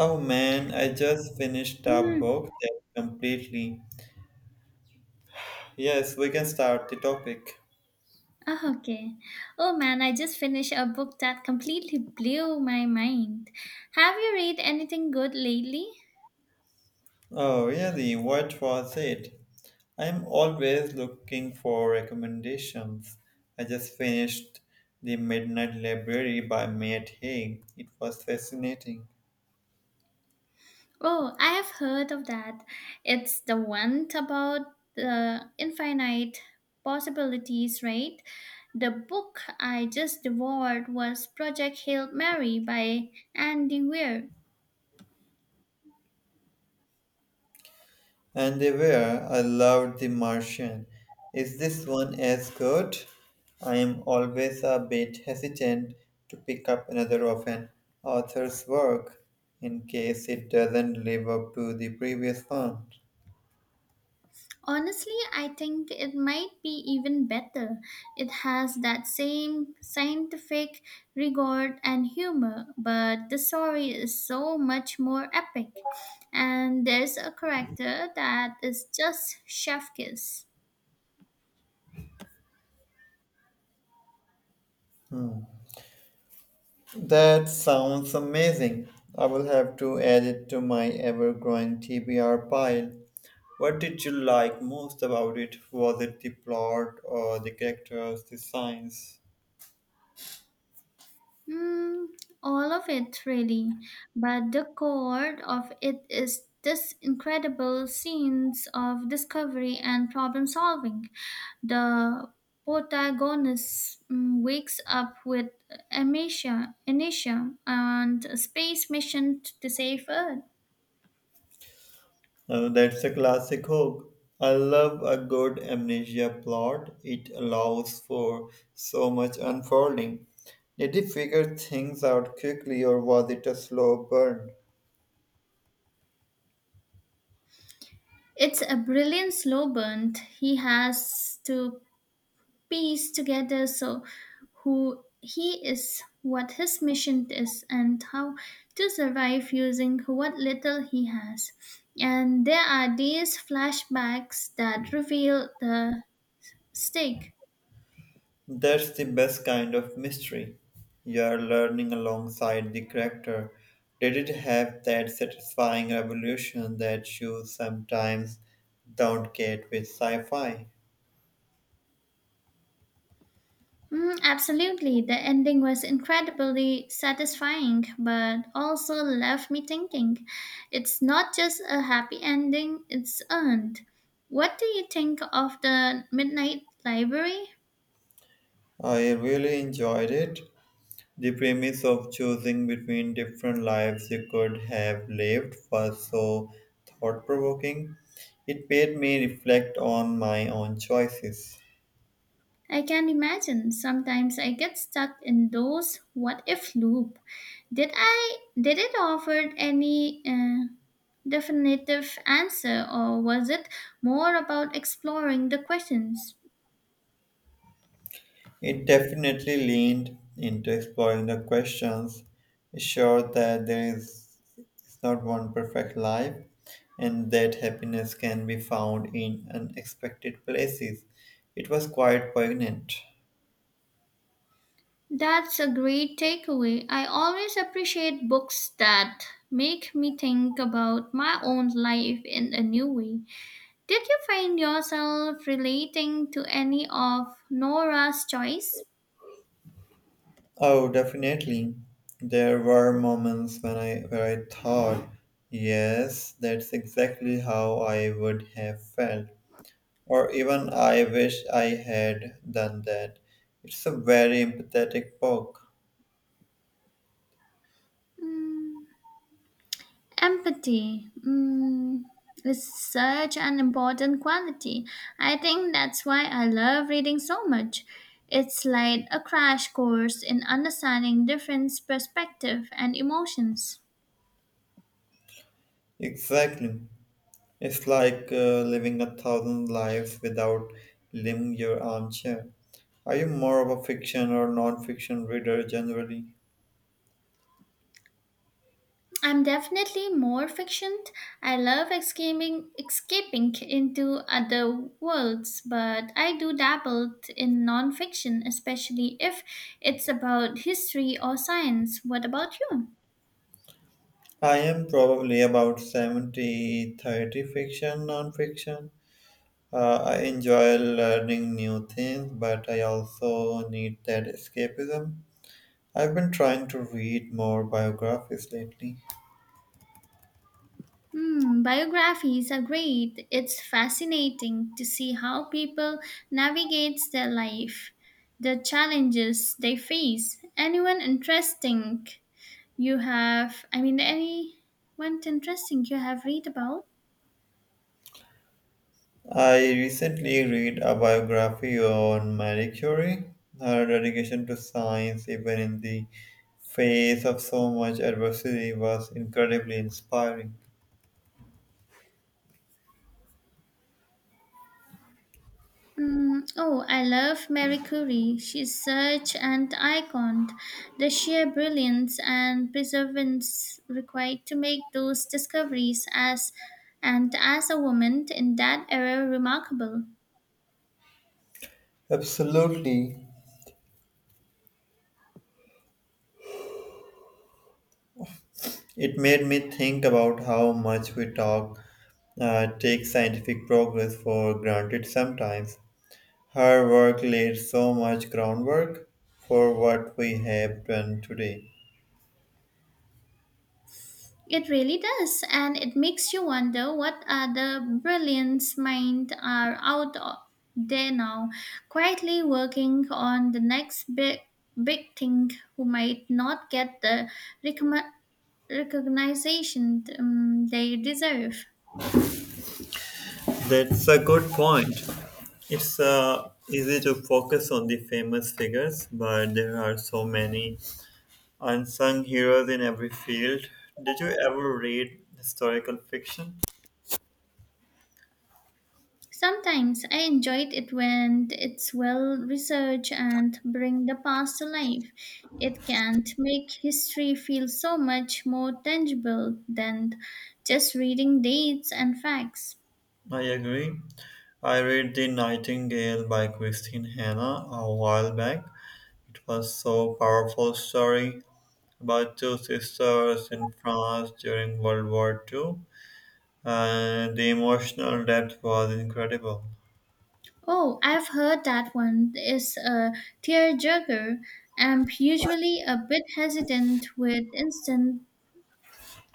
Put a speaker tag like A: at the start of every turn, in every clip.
A: Oh man, I just finished a
B: Mm.
A: book that completely. Yes, we can start the topic.
B: Oh, okay. Oh man, I just finished a book that completely blew my mind. Have you read anything good lately?
A: Oh, really? What was it? I'm always looking for recommendations. I just finished The Midnight Library by Matt Haig. It was fascinating.
B: Oh, I have heard of that. It's the one about the infinite possibilities, right? The book I just devoured was Project Hail Mary by Andy Weir.
A: And they were. I loved The Martian. Is this one as good? I am always a bit hesitant to pick up another of an author's work in case it doesn't live up to the previous one.
B: Honestly, I think it might be even better. It has that same scientific rigor and humor, but the story is so much more epic. And there's a character that is just chef kiss.
A: That sounds amazing. I will have to add it to my ever growing TBR pile. What did you like most about it? Was it the plot or the characters, the science?
B: Mm, all of it, really. But the core of it is this incredible scenes of discovery and problem solving. The protagonist wakes up with amnesia and a space mission to save Earth.
A: That's a classic hook. I love a good amnesia plot. It allows for so much unfolding. Did he figure things out quickly or was it a slow burn?
B: It's a brilliant slow burn he has to piece together so who he is, what his mission is, and how to survive using what little he has. And there are these flashbacks that reveal the stake.
A: That's the best kind of mystery. You are learning alongside the character. Did it have that satisfying revolution that you sometimes don't get with sci fi?
B: Mm, absolutely. The ending was incredibly satisfying, but also left me thinking it's not just a happy ending, it's earned. What do you think of the Midnight Library?
A: I really enjoyed it. The premise of choosing between different lives you could have lived was so thought provoking. It made me reflect on my own choices.
B: I can imagine sometimes I get stuck in those what if loop. Did it offer any definitive answer or was it more about exploring the questions?
A: It definitely leaned into exploring the questions, assured that there is it's not one perfect life and that happiness can be found in unexpected places. It was quite poignant.
B: That's a great takeaway. I always appreciate books that make me think about my own life in a new way. Did you find yourself relating to any of Nora's choice?
A: Oh, definitely. There were moments when I where I thought, yes, that's exactly how I would have felt, or even I wish I had done that. It's a very empathetic book.
B: Mm, empathy. Mm, is such an important quality. I think that's why I love reading so much. It's like a crash course in understanding different perspectives and emotions.
A: Exactly. It's like living a thousand lives without leaving your armchair. Are you more of a fiction or non-fiction reader generally?
B: I'm definitely more fiction. I love escaping into other worlds, but I do dabble in nonfiction, especially if it's about history or science. What about you?
A: I am probably about 70/30 fiction, non-fiction. I enjoy learning new things, but I also need that escapism. I've been trying to read more biographies lately.
B: Hmm, biographies are great. It's fascinating to see how people navigate their life, the challenges they face. Anyone interesting you have read about?
A: I recently read a biography on Marie Curie, her dedication to science, even in the face of so much adversity, was incredibly inspiring.
B: Mm, oh, I love Mary Curie. She's such an icon. The sheer brilliance and perseverance required to make those discoveries as and as a woman in that era remarkable.
A: Absolutely. It made me think about how much we take scientific progress for granted sometimes. Her work laid so much groundwork for what we have done today.
B: It really does, and it makes you wonder what other brilliant minds are there now, quietly working on the next big thing who might not get the recognition they deserve.
A: That's a good point. It's easy to focus on the famous figures, but there are so many unsung heroes in every field. Did you ever read historical fiction?
B: Sometimes I enjoyed it when it's well researched and bring the past to life. It can make history feel so much more tangible than just reading dates and facts.
A: I agree. I read The Nightingale by Christine Hanna a while back. It was so powerful story about two sisters in France during World War Two, and the emotional depth was incredible.
B: Oh, I've heard that one is a tearjerker. I'm usually a bit hesitant with instantly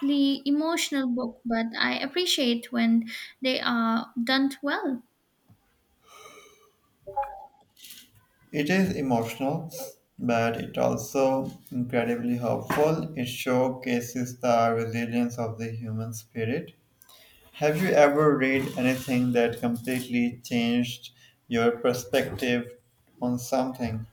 B: emotional book, but I appreciate when they are done well.
A: It is emotional, but it also incredibly helpful. It showcases the resilience of the human spirit. Have you ever read anything that completely changed your perspective on something?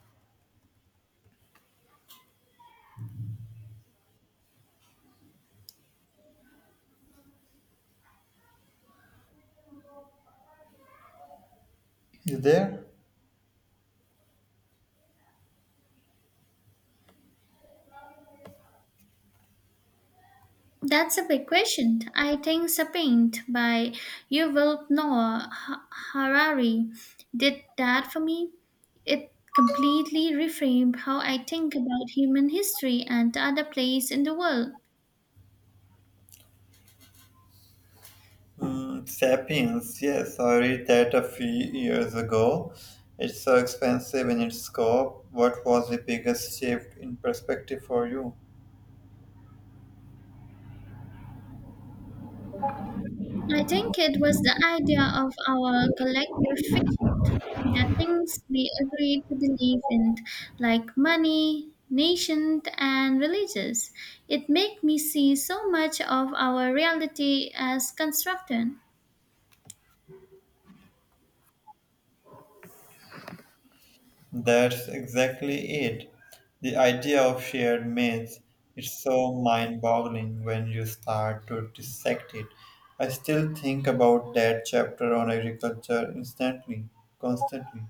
A: You there?
B: That's a big question. I think Sapient by Yuval Noah Harari did that for me. It completely reframed how I think about human history and other place in the world.
A: Mm, Sapiens, yes, I read that a few years ago. It's so expensive in its scope. What was the biggest shift in perspective for you?
B: I think it was the idea of our collective fiction, the things we agree to believe in, like money, nation, and religions. It made me see so much of our reality as constructed.
A: That's exactly it. The idea of shared myths is so mind-boggling when you start to dissect it. I still think about that chapter on agriculture instantly, constantly.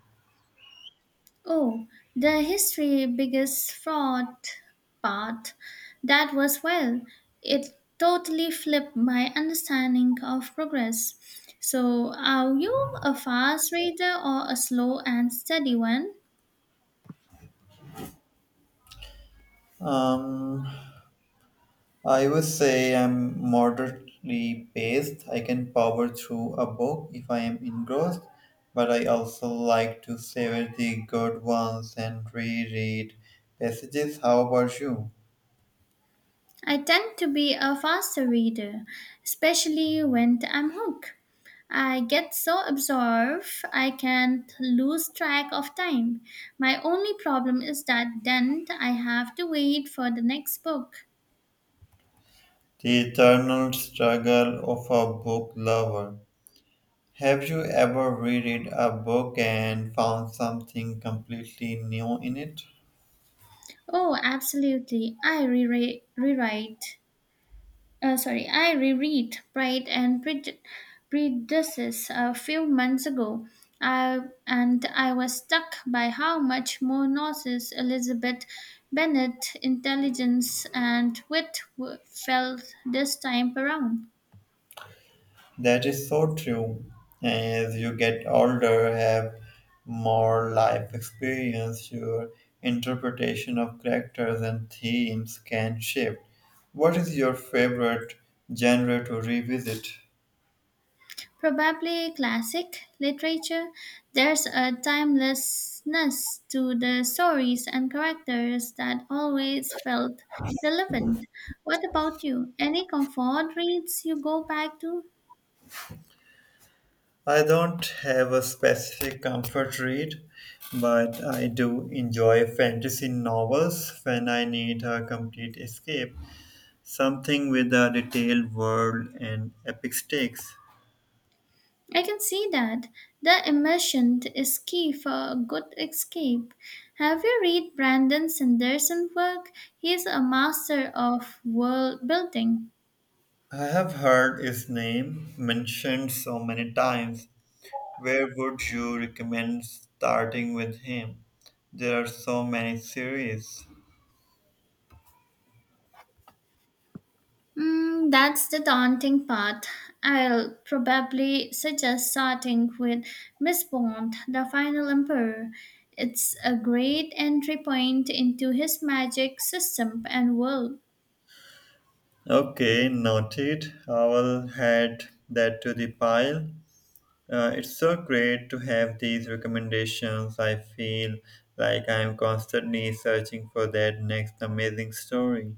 B: Oh, the history biggest fraud part. That was well. It totally flipped my understanding of progress. So, are you a fast reader or a slow and steady one?
A: Um, I would say I'm moderately paced. I can power through a book if I am engrossed, but I also like to savor the good ones and reread passages. How about you?
B: I tend to be a faster reader, especially when I'm hooked. I get so absorbed, I can't lose track of time. My only problem is that then I have to wait for the next book.
A: The eternal struggle of a book lover. Have you ever reread a book and found something completely new in it?
B: Oh, absolutely. I re rewrite, sorry, I reread Prejudice a few months ago. I, and I was struck by how much more nauseous Elizabeth Bennet intelligence and wit felt this time around.
A: That is so true. As you get older, have more life experience, your interpretation of characters and themes can shift. What is your favorite genre to revisit?
B: Probably classic literature. There's a timelessness to the stories and characters that always felt relevant. What about you? Any comfort reads you go back to?
A: I don't have a specific comfort read, but I do enjoy fantasy novels when I need a complete escape, something with a detailed world and epic stakes.
B: I can see that. The immersion is key for a good escape. Have you read Brandon Sanderson's work? He's a master of world building.
A: I have heard his name mentioned so many times. Where would you recommend starting with him? There are so many series.
B: Mm, that's the daunting part. I'll probably suggest starting with Miss Bond, the final emperor. It's a great entry point into his magic system and world.
A: Okay, noted. I will add that to the pile. It's so great to have these recommendations. I feel like I'm constantly searching for that next amazing story.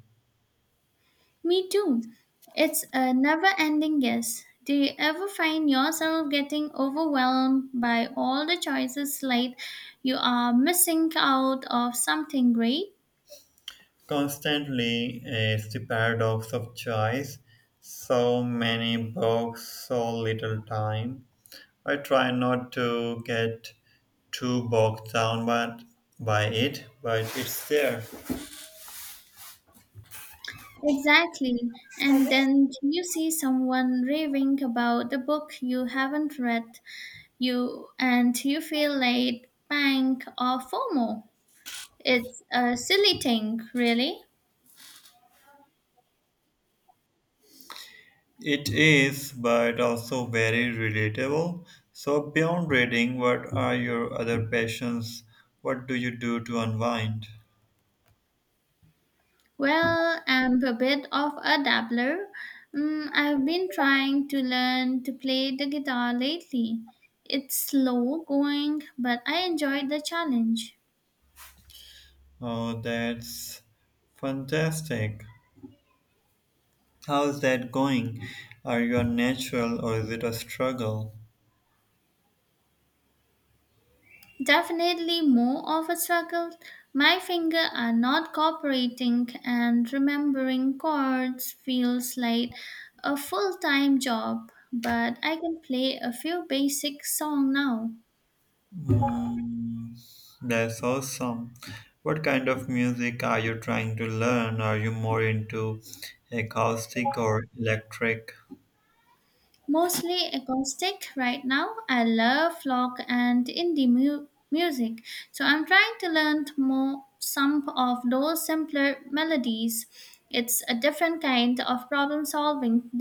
B: Me too. It's a never ending guess. Do you ever find yourself getting overwhelmed by all the choices, like you are missing out of something great?
A: Constantly, it's the paradox of choice. So many books, so little time. I try not to get too bogged down by it, but it's there.
B: Exactly. And then you see someone raving about the book you haven't read, you and you feel like panic or FOMO. It's a silly thing, really.
A: It is, but also very relatable. So, beyond reading, what are your other passions? What do you do to unwind?
B: Well, I'm a bit of a dabbler. Mm, I've been trying to learn to play the guitar lately. It's slow going, but I enjoy the challenge.
A: Oh, that's fantastic. How's that going? Are you a natural or is it a struggle?
B: Definitely more of a struggle. My fingers are not cooperating, and remembering chords feels like a full time job. But I can play a few basic songs now.
A: Hmm, that's awesome. What kind of music are you trying to learn? Are you more into acoustic or electric?
B: Mostly acoustic right now. I love folk and indie music, so I'm trying to learn more some of those simpler melodies. It's a different kind of problem solving